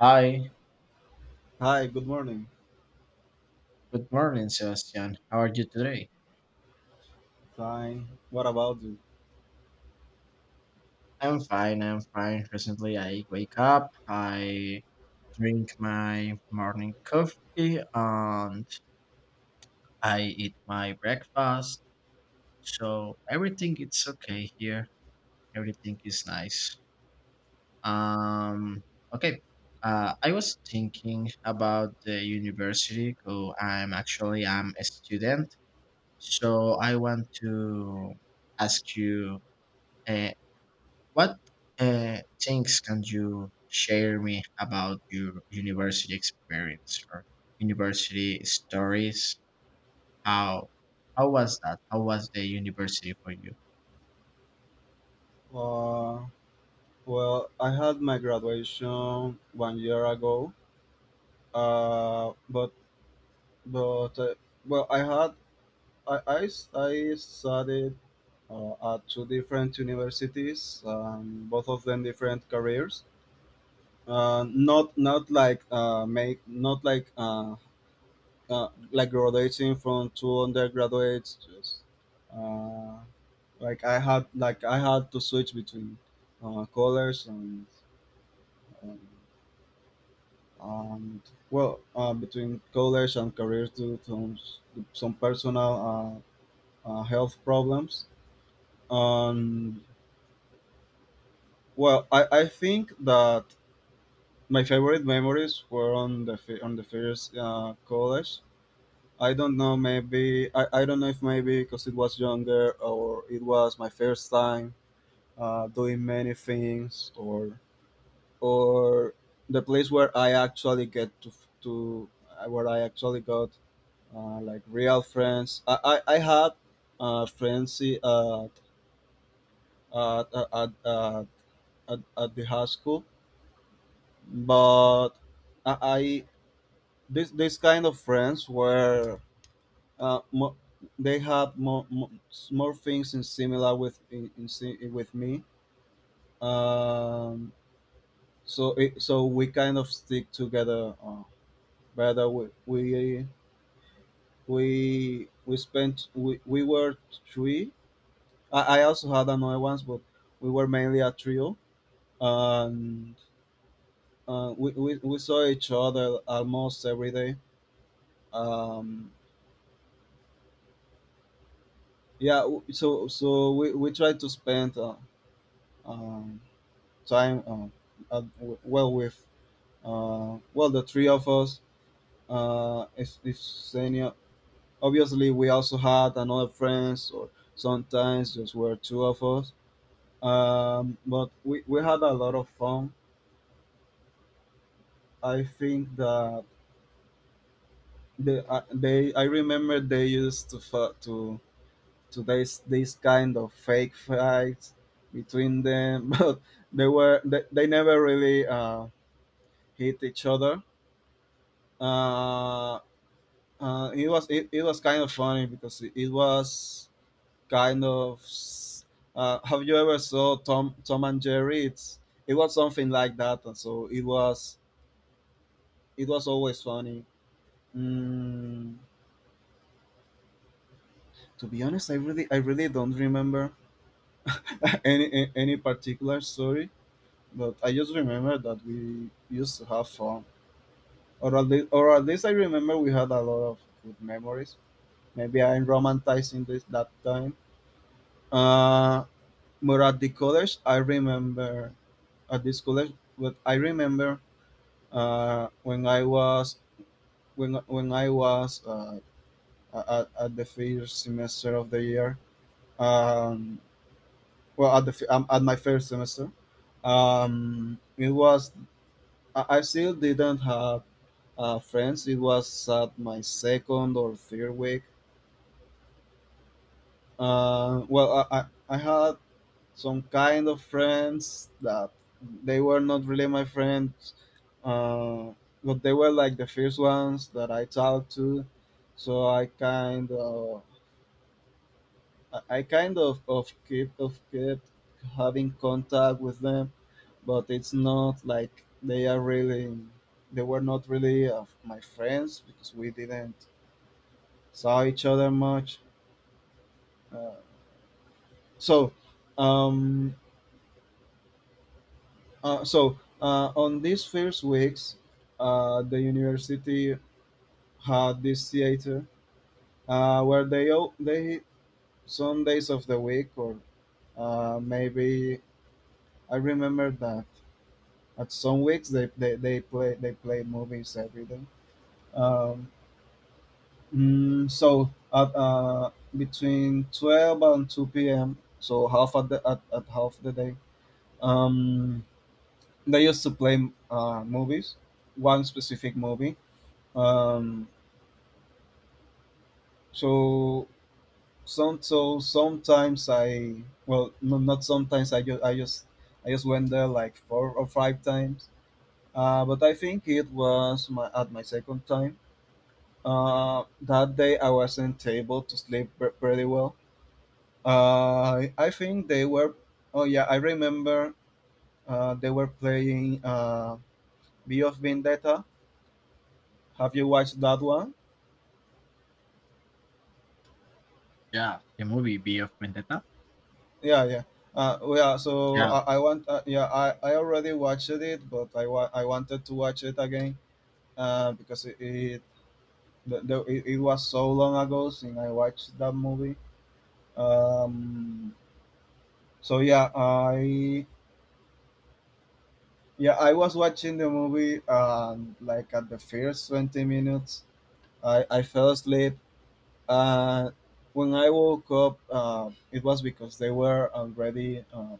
Hi, Hi, good morning. good morning, Sebastian. How are you today? Fine. What about you? I'm fine, I'm fine. Recently, I wake up, I drink my morning coffee, and I eat my breakfast. So everything is okay here. Everything is nice. Um, okay. I was thinking about the university. Oh, I'm actually I'm a student, so I want to ask you. Uh, What things can you share me about your university experience or university stories? How how was that? How was the university for you? Uh, well, I had my graduation 1 year ago. Uh, but but Well, I had I studied at two different universities, both of them different careers. Not not like make not like Like graduating from two undergraduates. Uh, like I had to switch between colors and, and and between college and career due to some personal health problems. Um well i i think that my favorite memories were on the first college. I don't know, maybe I don't know if maybe because it was younger, or it was my first time doing many things, or the place where I actually get to where I actually got like real friends. I had friends at at, at, at, at the high school, but I this this kind of friends were uh, mo- they had more more things in similar with with me. Um, so we kind of stick together better. We were three. I also had another ones, but we were mainly a trio, and we saw each other almost every day. um, yeah, we tried to spend um, time at, well with well, the three of us. If any Obviously, we also had another friends, or sometimes just were two of us, but we had a lot of fun. I think that they I remember they used to this kind of fake fights between them, but they never really hit each other. Uh, it was kind of funny because it was kind of s- have you ever saw Tom and Jerry? It was something like that, and so it was always funny. Mm, to be honest, I really don't remember any any particular story, but I just remember that we used to have fun. Or at least, or at least, I remember we had a lot of good memories. Maybe I'm romanticizing this that time. Uh, but at the college, I remember. At this college, but I remember uh, when I was when I was at the first semester of the year. Um, well, at the at my first semester it was I still didn't have friends. It was at my second or third week. Well I had some kind of friends that they were not really my friends, uh, but they were like the first ones that I talked to, so I kind of keep of kept having contact with them. But it's not like they are really, they were not really my friends, because we didn't saw each other much. uh, so um, on these first weeks, the university had this theater they, some days of the week, or maybe I remember that at some weeks they play movies every day. um, so at between 12 and 2 p.m. So half at at half the day. Um, they used to play movies, one specific movie. Um, so so sometimes I, well no, not sometimes, I just went there like four or five times. But I think it was my at my second time. That day I wasn't able to sleep pretty well. I think they were. Oh yeah, I remember they were playing V of Vendetta. Have you watched that one? Yeah, the movie B of Vendetta. Yeah, yeah. Yeah. I already watched it, but I wanted to watch it again, because it, the, it was so long ago since I watched that movie. Um. So yeah, I was watching the movie, and like at the first 20 minutes, I fell asleep. Uh, when I woke up, it was because they were already, uh,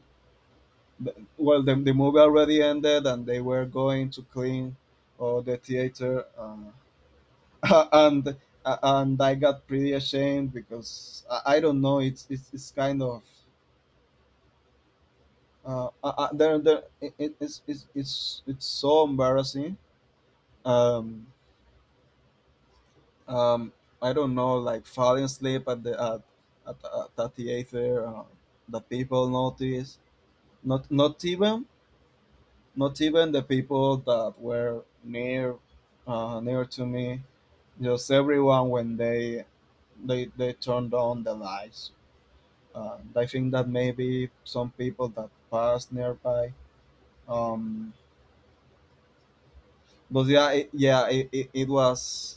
th- well, the, the movie already ended, and they were going to clean all the theater. And and I got pretty ashamed, because I don't know, it's kind of, there, there, it- it's so embarrassing. Um, um, I don't know, like falling asleep at at the theater, that people notice. Not even, not even the people that were near near to me. Just everyone, when they turned on the lights. I think that maybe some people that passed nearby. Um, but yeah, It was.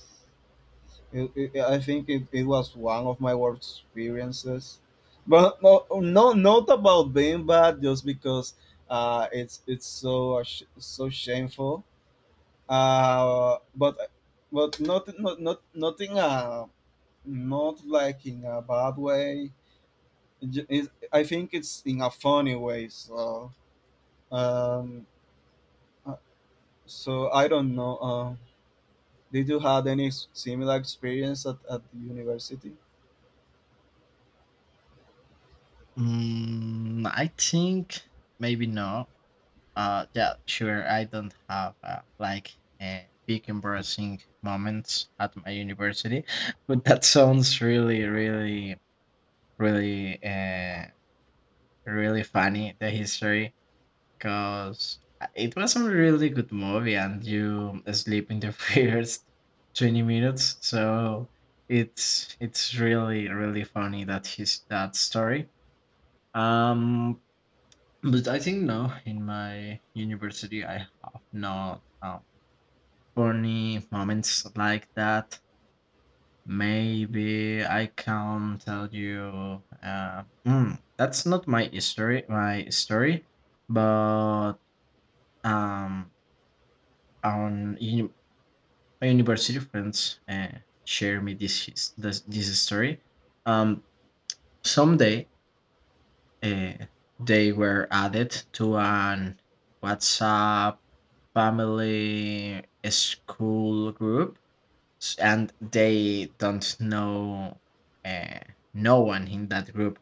I think it was one of my worst experiences. But no, no, not about being bad, just because it's so shameful. Uh but but not in a, not like in a bad way. It ju- I think it's in a funny way. So um uh, so I don't know. Did you had any similar experience at the university? I think maybe no. Yeah, sure. I don't have like uh, big embarrassing moments at my university, but that sounds really, really, really. Really funny the history, because it was a really good movie and you sleep in the first 20 minutes, so it's really really funny that story. um but I think no, in my university I have not funny moments like that. Maybe I can tell you, that's not my story, but um on uni- my university friends share me this story. um Someday, uh, they were added to an WhatsApp family school group. And they don't know, uh, no one in that group.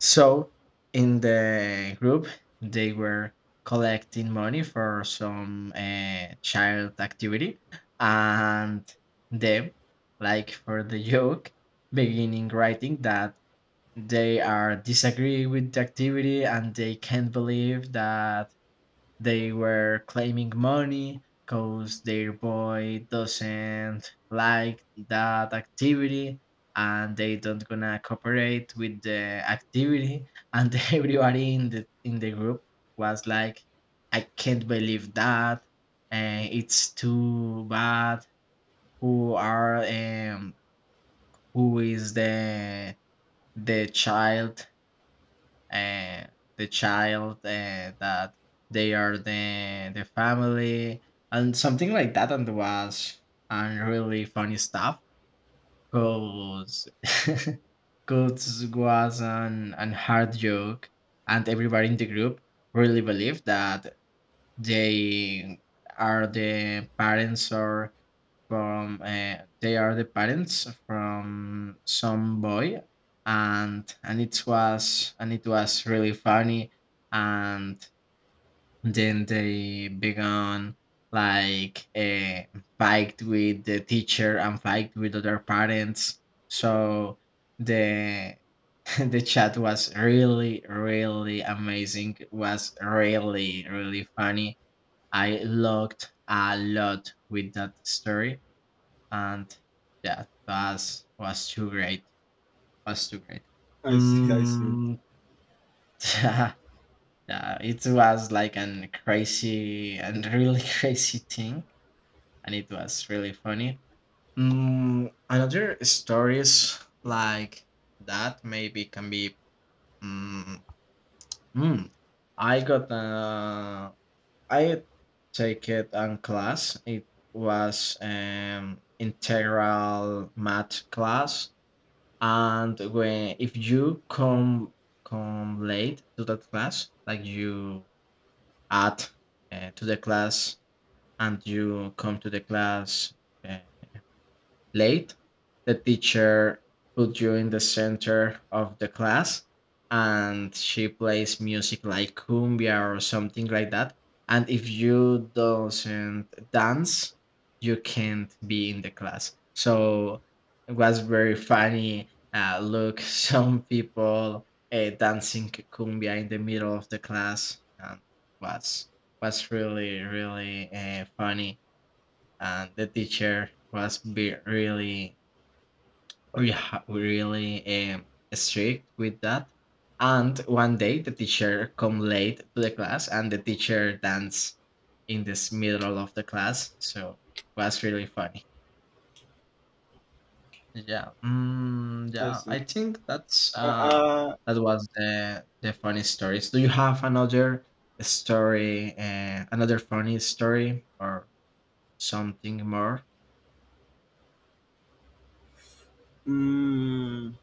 So in the group, they were collecting money for some child activity, and them, like for the joke, beginning writing that they are disagree with the activity, and they can't believe that they were claiming money because their boy doesn't like that activity, and they don't gonna cooperate with the activity. And everybody in the group was like, I can't believe that, and it's too bad. Who are um who is the child, uh, that they are the family, and something like that, and was, and really funny stuff, because Goats was an hard joke, and everybody in the group really believed that they are the parents or from they are the parents from some boy. And it was really funny. And then they began like a fight with the teacher and fight with other parents. So the the chat was really really amazing, was really really funny. I looked a lot with that story, and yeah, was too great. Was too great. I see I see Mm, yeah, it was like an crazy and really crazy thing, and it was really funny. Another stories like that maybe can be. Mm, mm, I got uh, I take it on class. It was integral math class. And when if you come late to that class, like you add to the class, and you come to the class uh, late, the teacher put you in the center of the class, and she plays music like cumbia or something like that. And if you doesn't dance, you can't be in the class. So it was very funny. Look, some people dancing cumbia in the middle of the class, and was was really really funny. And the teacher was be really, we really strict with that. And one day the teacher come late to the class, and the teacher dance in this middle of the class. So was really funny. Yeah, mm, I yeah. see I think that's uh that was the funny stories. Do you have another story, another funny story, or something more? mm,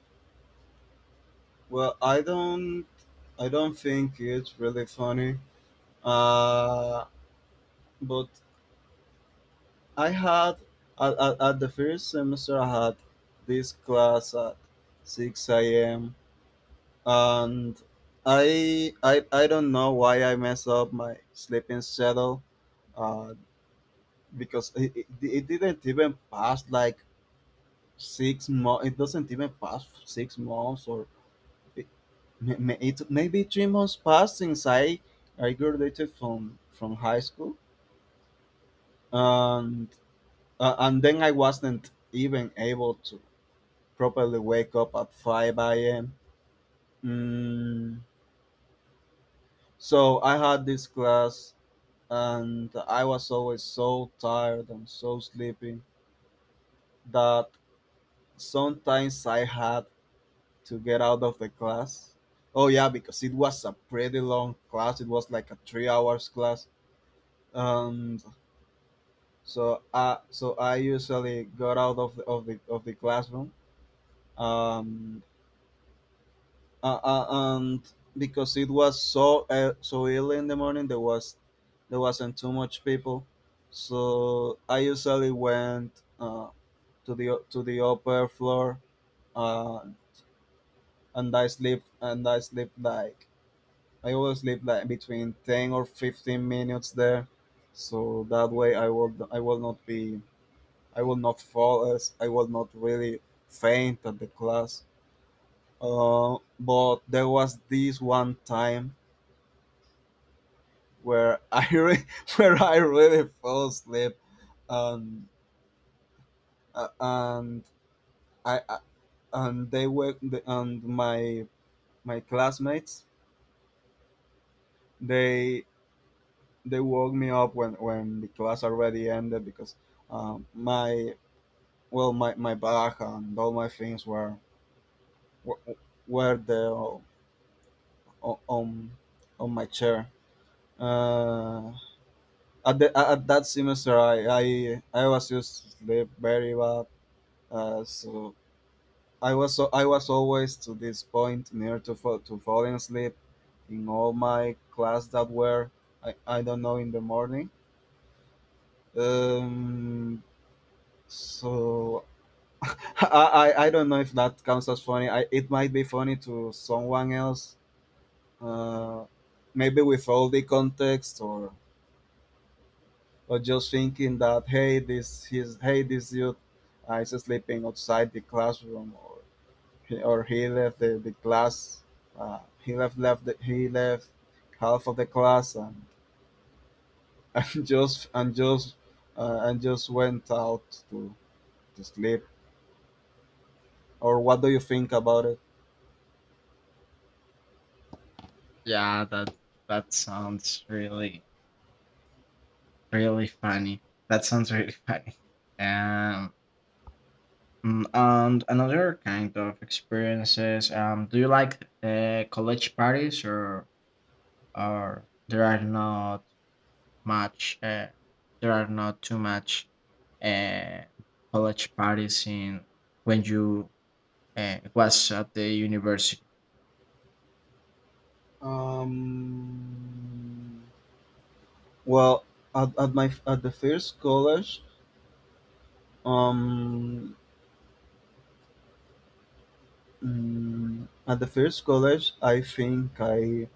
well I don't, I don't think it's really funny, uh but I had, at the first semester, I had this class at 6 a.m., and I don't know why I messed up my sleeping schedule, uh, because it didn't even pass like 6 months. It doesn't even pass 6 months, or it, may- it maybe 3 months passed since I graduated from high school. And and then I wasn't even able to properly wake up at 5 a.m. Mm, so I had this class, and I was always so tired and so sleepy that sometimes I had to get out of the class. Oh yeah, because it was a pretty long class. It was like a 3 hours class. And I usually got out of the classroom. Um, uh, uh, and Because it was so so early in the morning, there wasn't too much people. So I usually went to the upper floor, uh, and I sleep like, I always sleep like, between 10 or 15 minutes there, so that way I will not be I will not fall as I will not really faint at the class. But there was this one time where where I really fell asleep. Um, and I and they wake the- and my classmates, they they woke me up when the class already ended, because um, my my bag and all my things were were, were there o- on on my chair. Uh, at at that semester, I was used to sleep very bad, uh, so so I was always to this point near to falling asleep in all my class that were, I don't know, in the morning. Um, so I don't know if that counts as funny. It might be funny to someone else. Uh, Maybe with all the context, or just thinking that, hey, this his hey, this youth is sleeping outside the classroom, or he, or he left the class. He left half of the class, and and just and just went out to sleep. Or what do you think about it? Yeah, that sounds really really funny. That sounds really funny. Um, and another kind of experiences. Do you like college parties, or there are not much? There are not too much uh, college parties in, when you was at the university. Um, well, at the first college, um, at the first college, I think I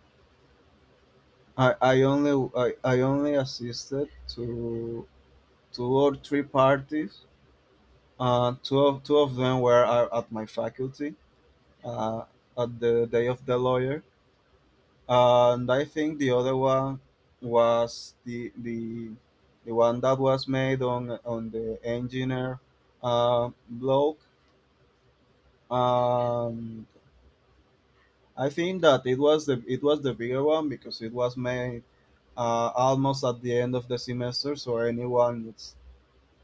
I, I only I, I only assisted to two or three parties. Two of them were at my faculty, uh, at the day of the lawyer, and I think the other one was the one that was made on the engineer blog. Um, I think that it was the bigger one because it was made almost at the end of the semester, so anyone that's,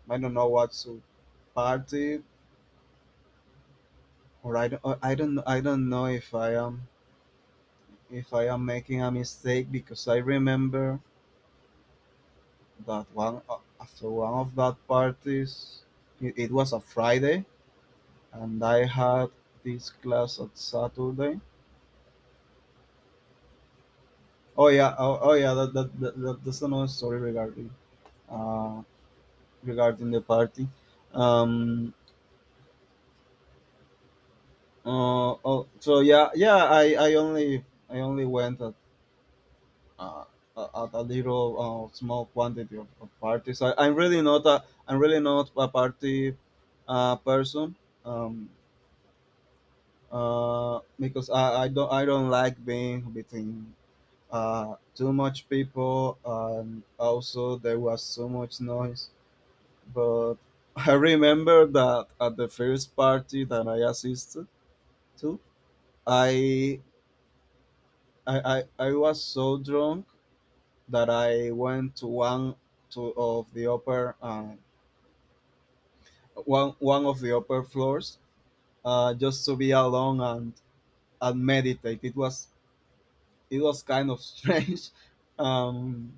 I don't know, what's to party. Or I don't, I don't know if I am, if I am making a mistake, because I remember that one, after one of that parties, it was a Friday, and I had this class on Saturday. Oh yeah, that's another story regarding uh regarding the party. Um oh so yeah, I only went at uh, a, a little small quantity of parties. I'm really not a I'm really not a party person um, because I don't like being between too much people, and also there was so much noise. But I remember that at the first party that I assisted to, I I was so drunk that I went to one to of the upper one of the upper floors, just to be alone and meditate. It was kind of strange. um,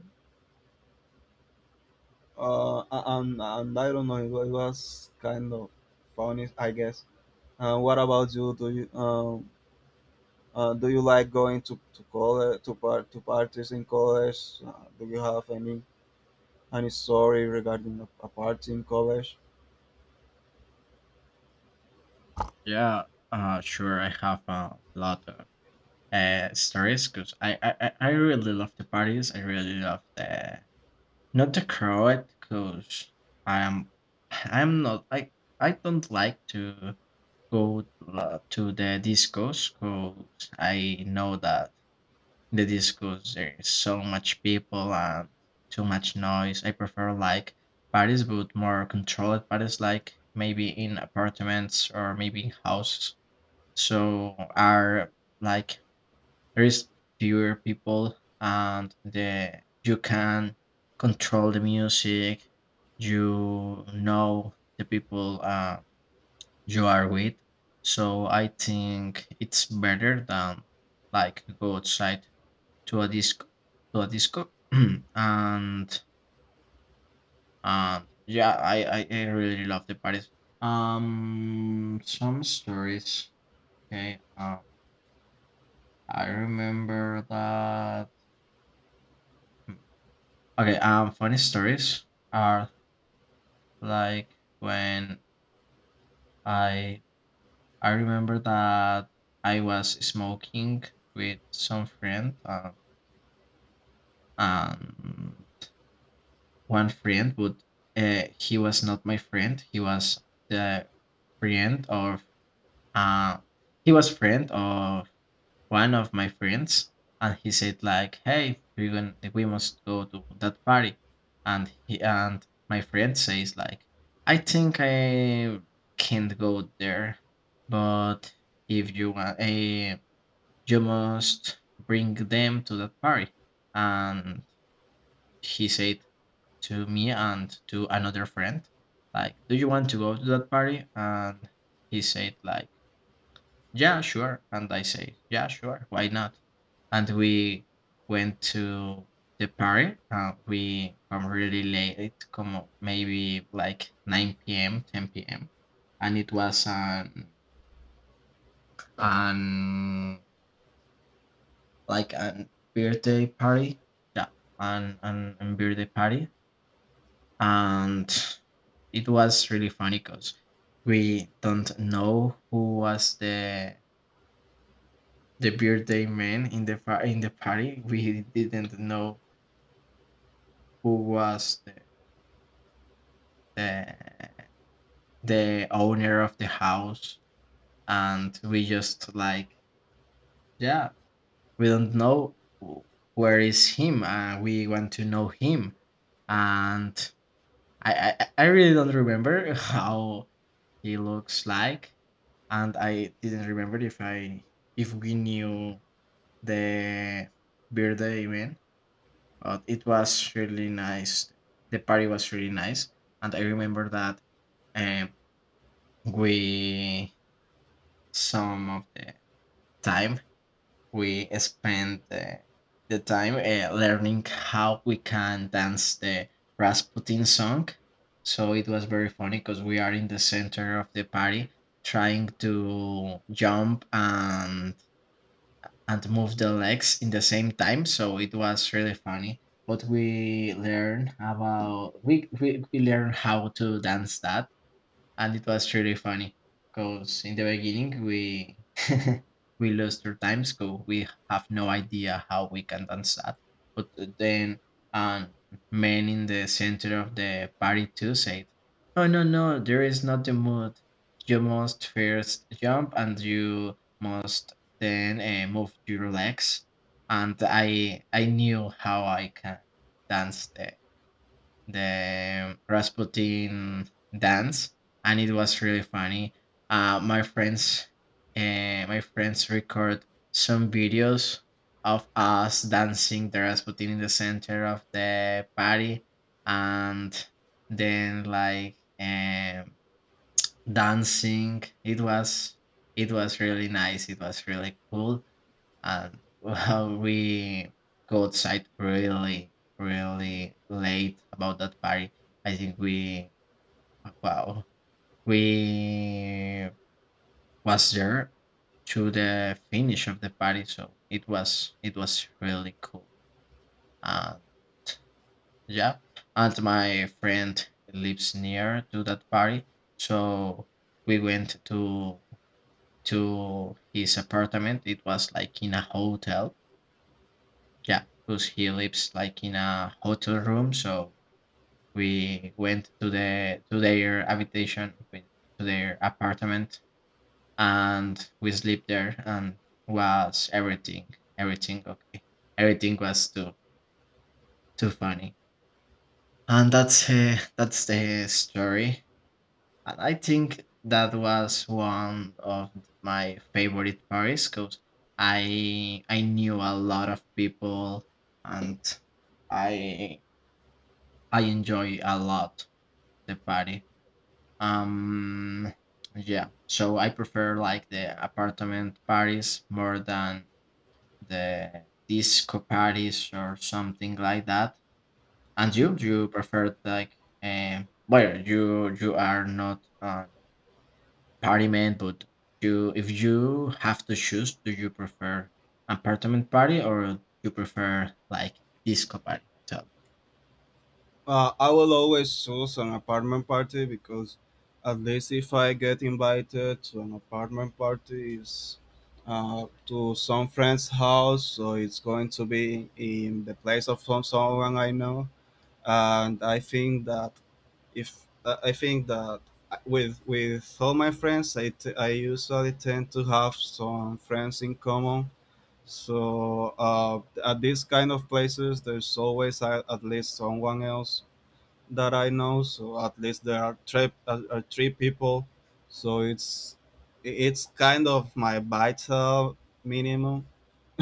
uh, and I don't know. It was kind of funny, I guess. What about you? Do you like going to college, to parties in college? Do you have any story regarding a party in college? Yeah, sure. I have a lot of stories because I really love the parties. I really love the Not the crowd, cause I'm I'm not I I don't like to go to the discos, cause I know that in the discos there is so much people and too much noise. I prefer like parties, but more controlled parties, like maybe in apartments or maybe in houses. So are like there is fewer people, and the you can control the music. You know the people you are with. So I think it's better than like go outside to a disco to a disco and and yeah, I really love the parties. Some stories. Okay. I remember that. hmm, Okay, funny stories are like when I I remember that I was smoking with some friend, um one friend, but he was not my friend. He was the friend of uh, friend of one of my friends, and he said like, hey, we must go to that party. And he and my friend says like, I think I can't go there, but if you want, you must bring them to that party. And he said to me and to another friend like, do you want to go to that party? And he said like, "Yeah, sure." And I say, "Yeah, sure. Why not?" And we went to the party. We come really late, come maybe like 9 p.m., 10 p.m. And it was an like an birthday party. Yeah, an birthday party. And it was really funny because we don't know who was the birthday man in the party. We didn't know who was the the owner of the house, and we just like, yeah, we don't know where is him. We want to know him, and I really don't remember how he looks like, and I didn't remember if we knew the birthday man. But it was really nice. The party was really nice, and I remember that, um, we some of the time we spent the time learning how we can dance the Rasputin song. So it was very funny because we are in the center of the party trying to jump and move the legs in the same time. So it was really funny. But we learn about we learn how to dance that, and it was really funny because in the beginning we we lost our time, so we have no idea how we can dance that. But then um men in the center of the party too said, oh no no, there is not the mood. You must first jump, and you must then move your legs, and I knew how I can dance the Rasputin dance. And it was really funny. Uh, my friends, my friends record some videos of us dancing the Rasputin in the center of the party, and then like, dancing. It was really nice. It was really cool, and well, we go outside really, really late about that party. I think we, wow, we was there to the finish of the party, so it was really cool. And yeah, and my friend lives near to that party, so we went to his apartment. It was like in a hotel. Yeah, because he lives like in a hotel room, so we went to their habitation, to their apartment, and we slept there, and was everything okay, everything was too funny, and that's the story, and I think that was one of my favorite parties because I knew a lot of people and. I I enjoy a lot the party. Um, yeah, so I prefer like the apartment parties more than the disco parties or something like that. And you prefer like, well, you are not a party man, but you if you have to choose, do you prefer apartment party or you prefer like disco party? Tell I will always choose an apartment party, because at least if I get invited to an apartment party, it's to some friend's house, so it's going to be in the place of someone I know, and I think that if I think that with all my friends, I usually tend to have some friends in common. So at these kind of places, there's always at least someone else that I know. So at least there are three people. So it's kind of my vital minimum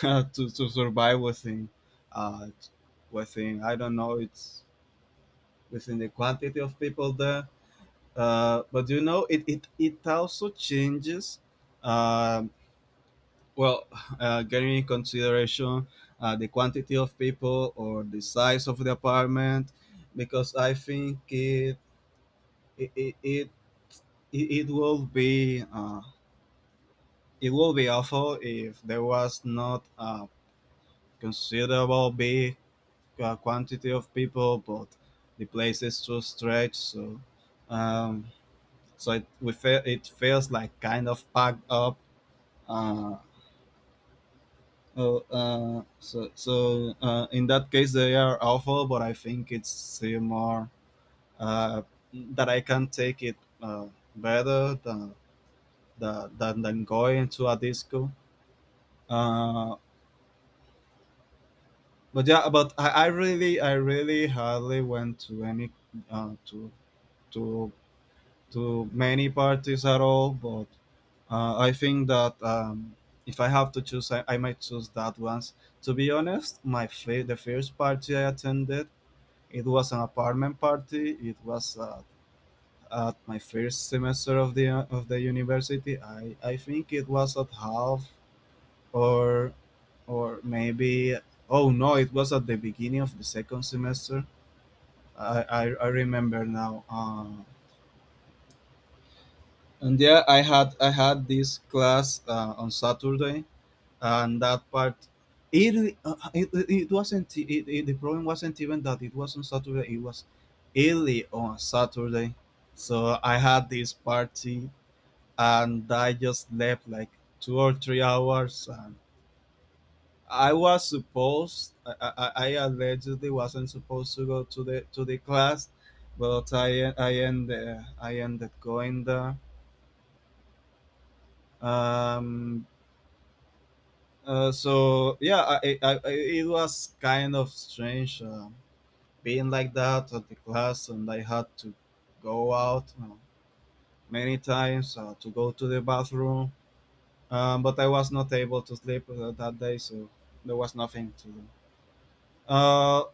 to survive within uh I don't know, it's within the quantity of people there. But you know, it it also changes. Um, well, getting in consideration the quantity of people or the size of the apartment, because I think it it it, it it would be awful if there was not a considerable big quantity of people, but the place is too stretched, so um, it feels like kind of packed up. Uh, in that case they are awful, but I think it's more uh, that I can take it uh, better than than going to a disco. Uh, but yeah, but I really hardly went to any, uh, to to to many parties at all. But I think that if I have to choose, I might choose that ones. To be honest, the first party I attended, it was an apartment party. It was at my first semester of the university. I think it was at half or or maybe oh no, it was at the beginning of the second semester. i i, I remember now. And yeah, I had this class on Saturday, and that part it wasn't the problem wasn't even that it was on Saturday, it was early on a Saturday. So I had this party, and I just slept like 2 or 3 hours, and I allegedly wasn't supposed to go to the class, but I ended going there. Um, so yeah, it was kind of strange being like that at the class, and I had to go out many times to go to the bathroom. But I was not able to sleep that day, so there was nothing to do. Uh,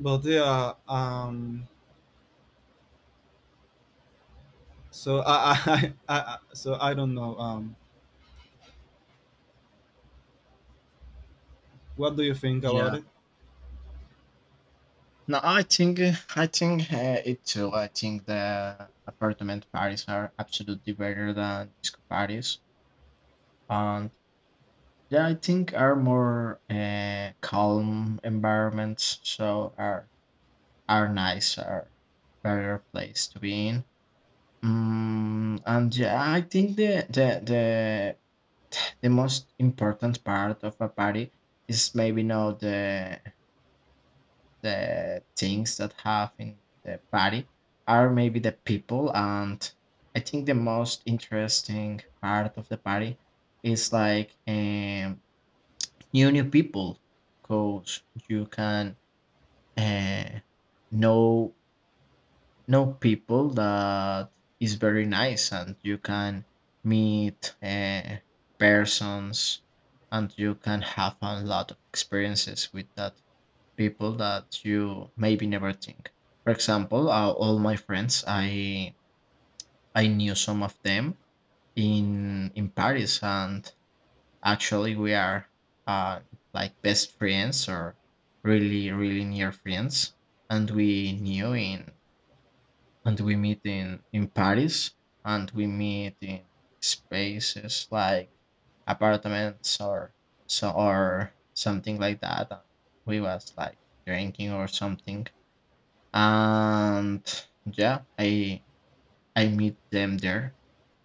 but yeah, So I, I so I don't know. What do you think about me. it? No, I think it too. I think the apartment parties are absolutely better than disco parties, and yeah, I think are more calm environments, so are nice, are better place to be in. And yeah, I think the most important part of a party is maybe not the things that have in the party, are maybe the people. And I think the most interesting part of the party is like, new people, because you can uh, know know people that is very nice, and you can meet persons, and you can have a lot of experiences with that people that you maybe never think. For example, all my friends, I knew some of them in Paris, and actually we are uh, like best friends or really really near friends, and we meet in Paris, and we meet in spaces like apartments or so or something like that. And we was like drinking or something, and yeah, I meet them there,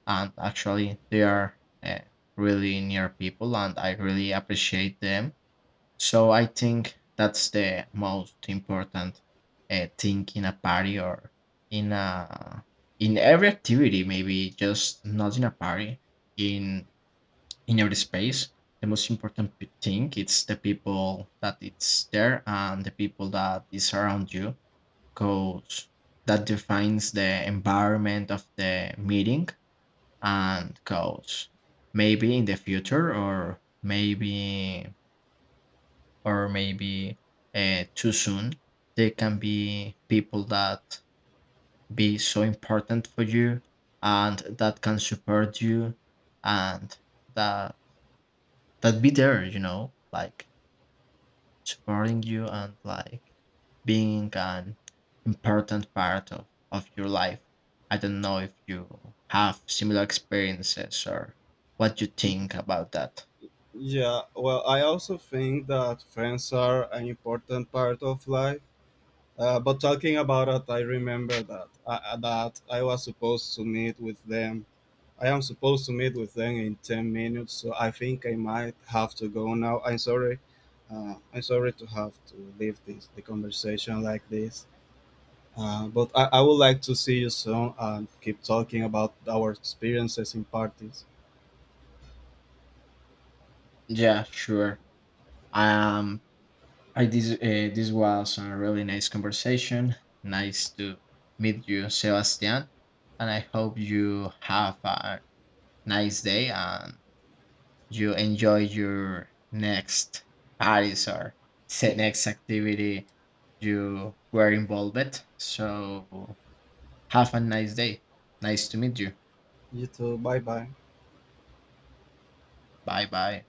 and actually they are uh, really near people, and I really appreciate them. So I think that's the most important thing in a party, or in a in every activity, maybe just not in a party, in in every space. The most important thing, it's the people that it's there and the people that is around you, because that defines the environment of the meeting. And because maybe in the future, or maybe, or maybe too soon, there can be people that be so important for you and that can support you, and that that be there like supporting you, and like being an important part of your life. I don't know if you have similar experiences or what you think about that. Yeah. Well, I also think that friends are an important part of life. But talking about it, I remember that I was supposed to meet with them. I am supposed to meet with them in 10 minutes. So I think I might have to go now. I'm sorry. I'm sorry to have to leave this the conversation like this. I would like to see you soon and keep talking about our experiences in parties. Yeah, sure. Um, I this this was a really nice conversation. Nice to meet you, Sebastian, and I hope you have a nice day and you enjoy your next parties or next activity you were involved with. So have a nice day. Nice to meet you. You too. Bye bye. Bye bye.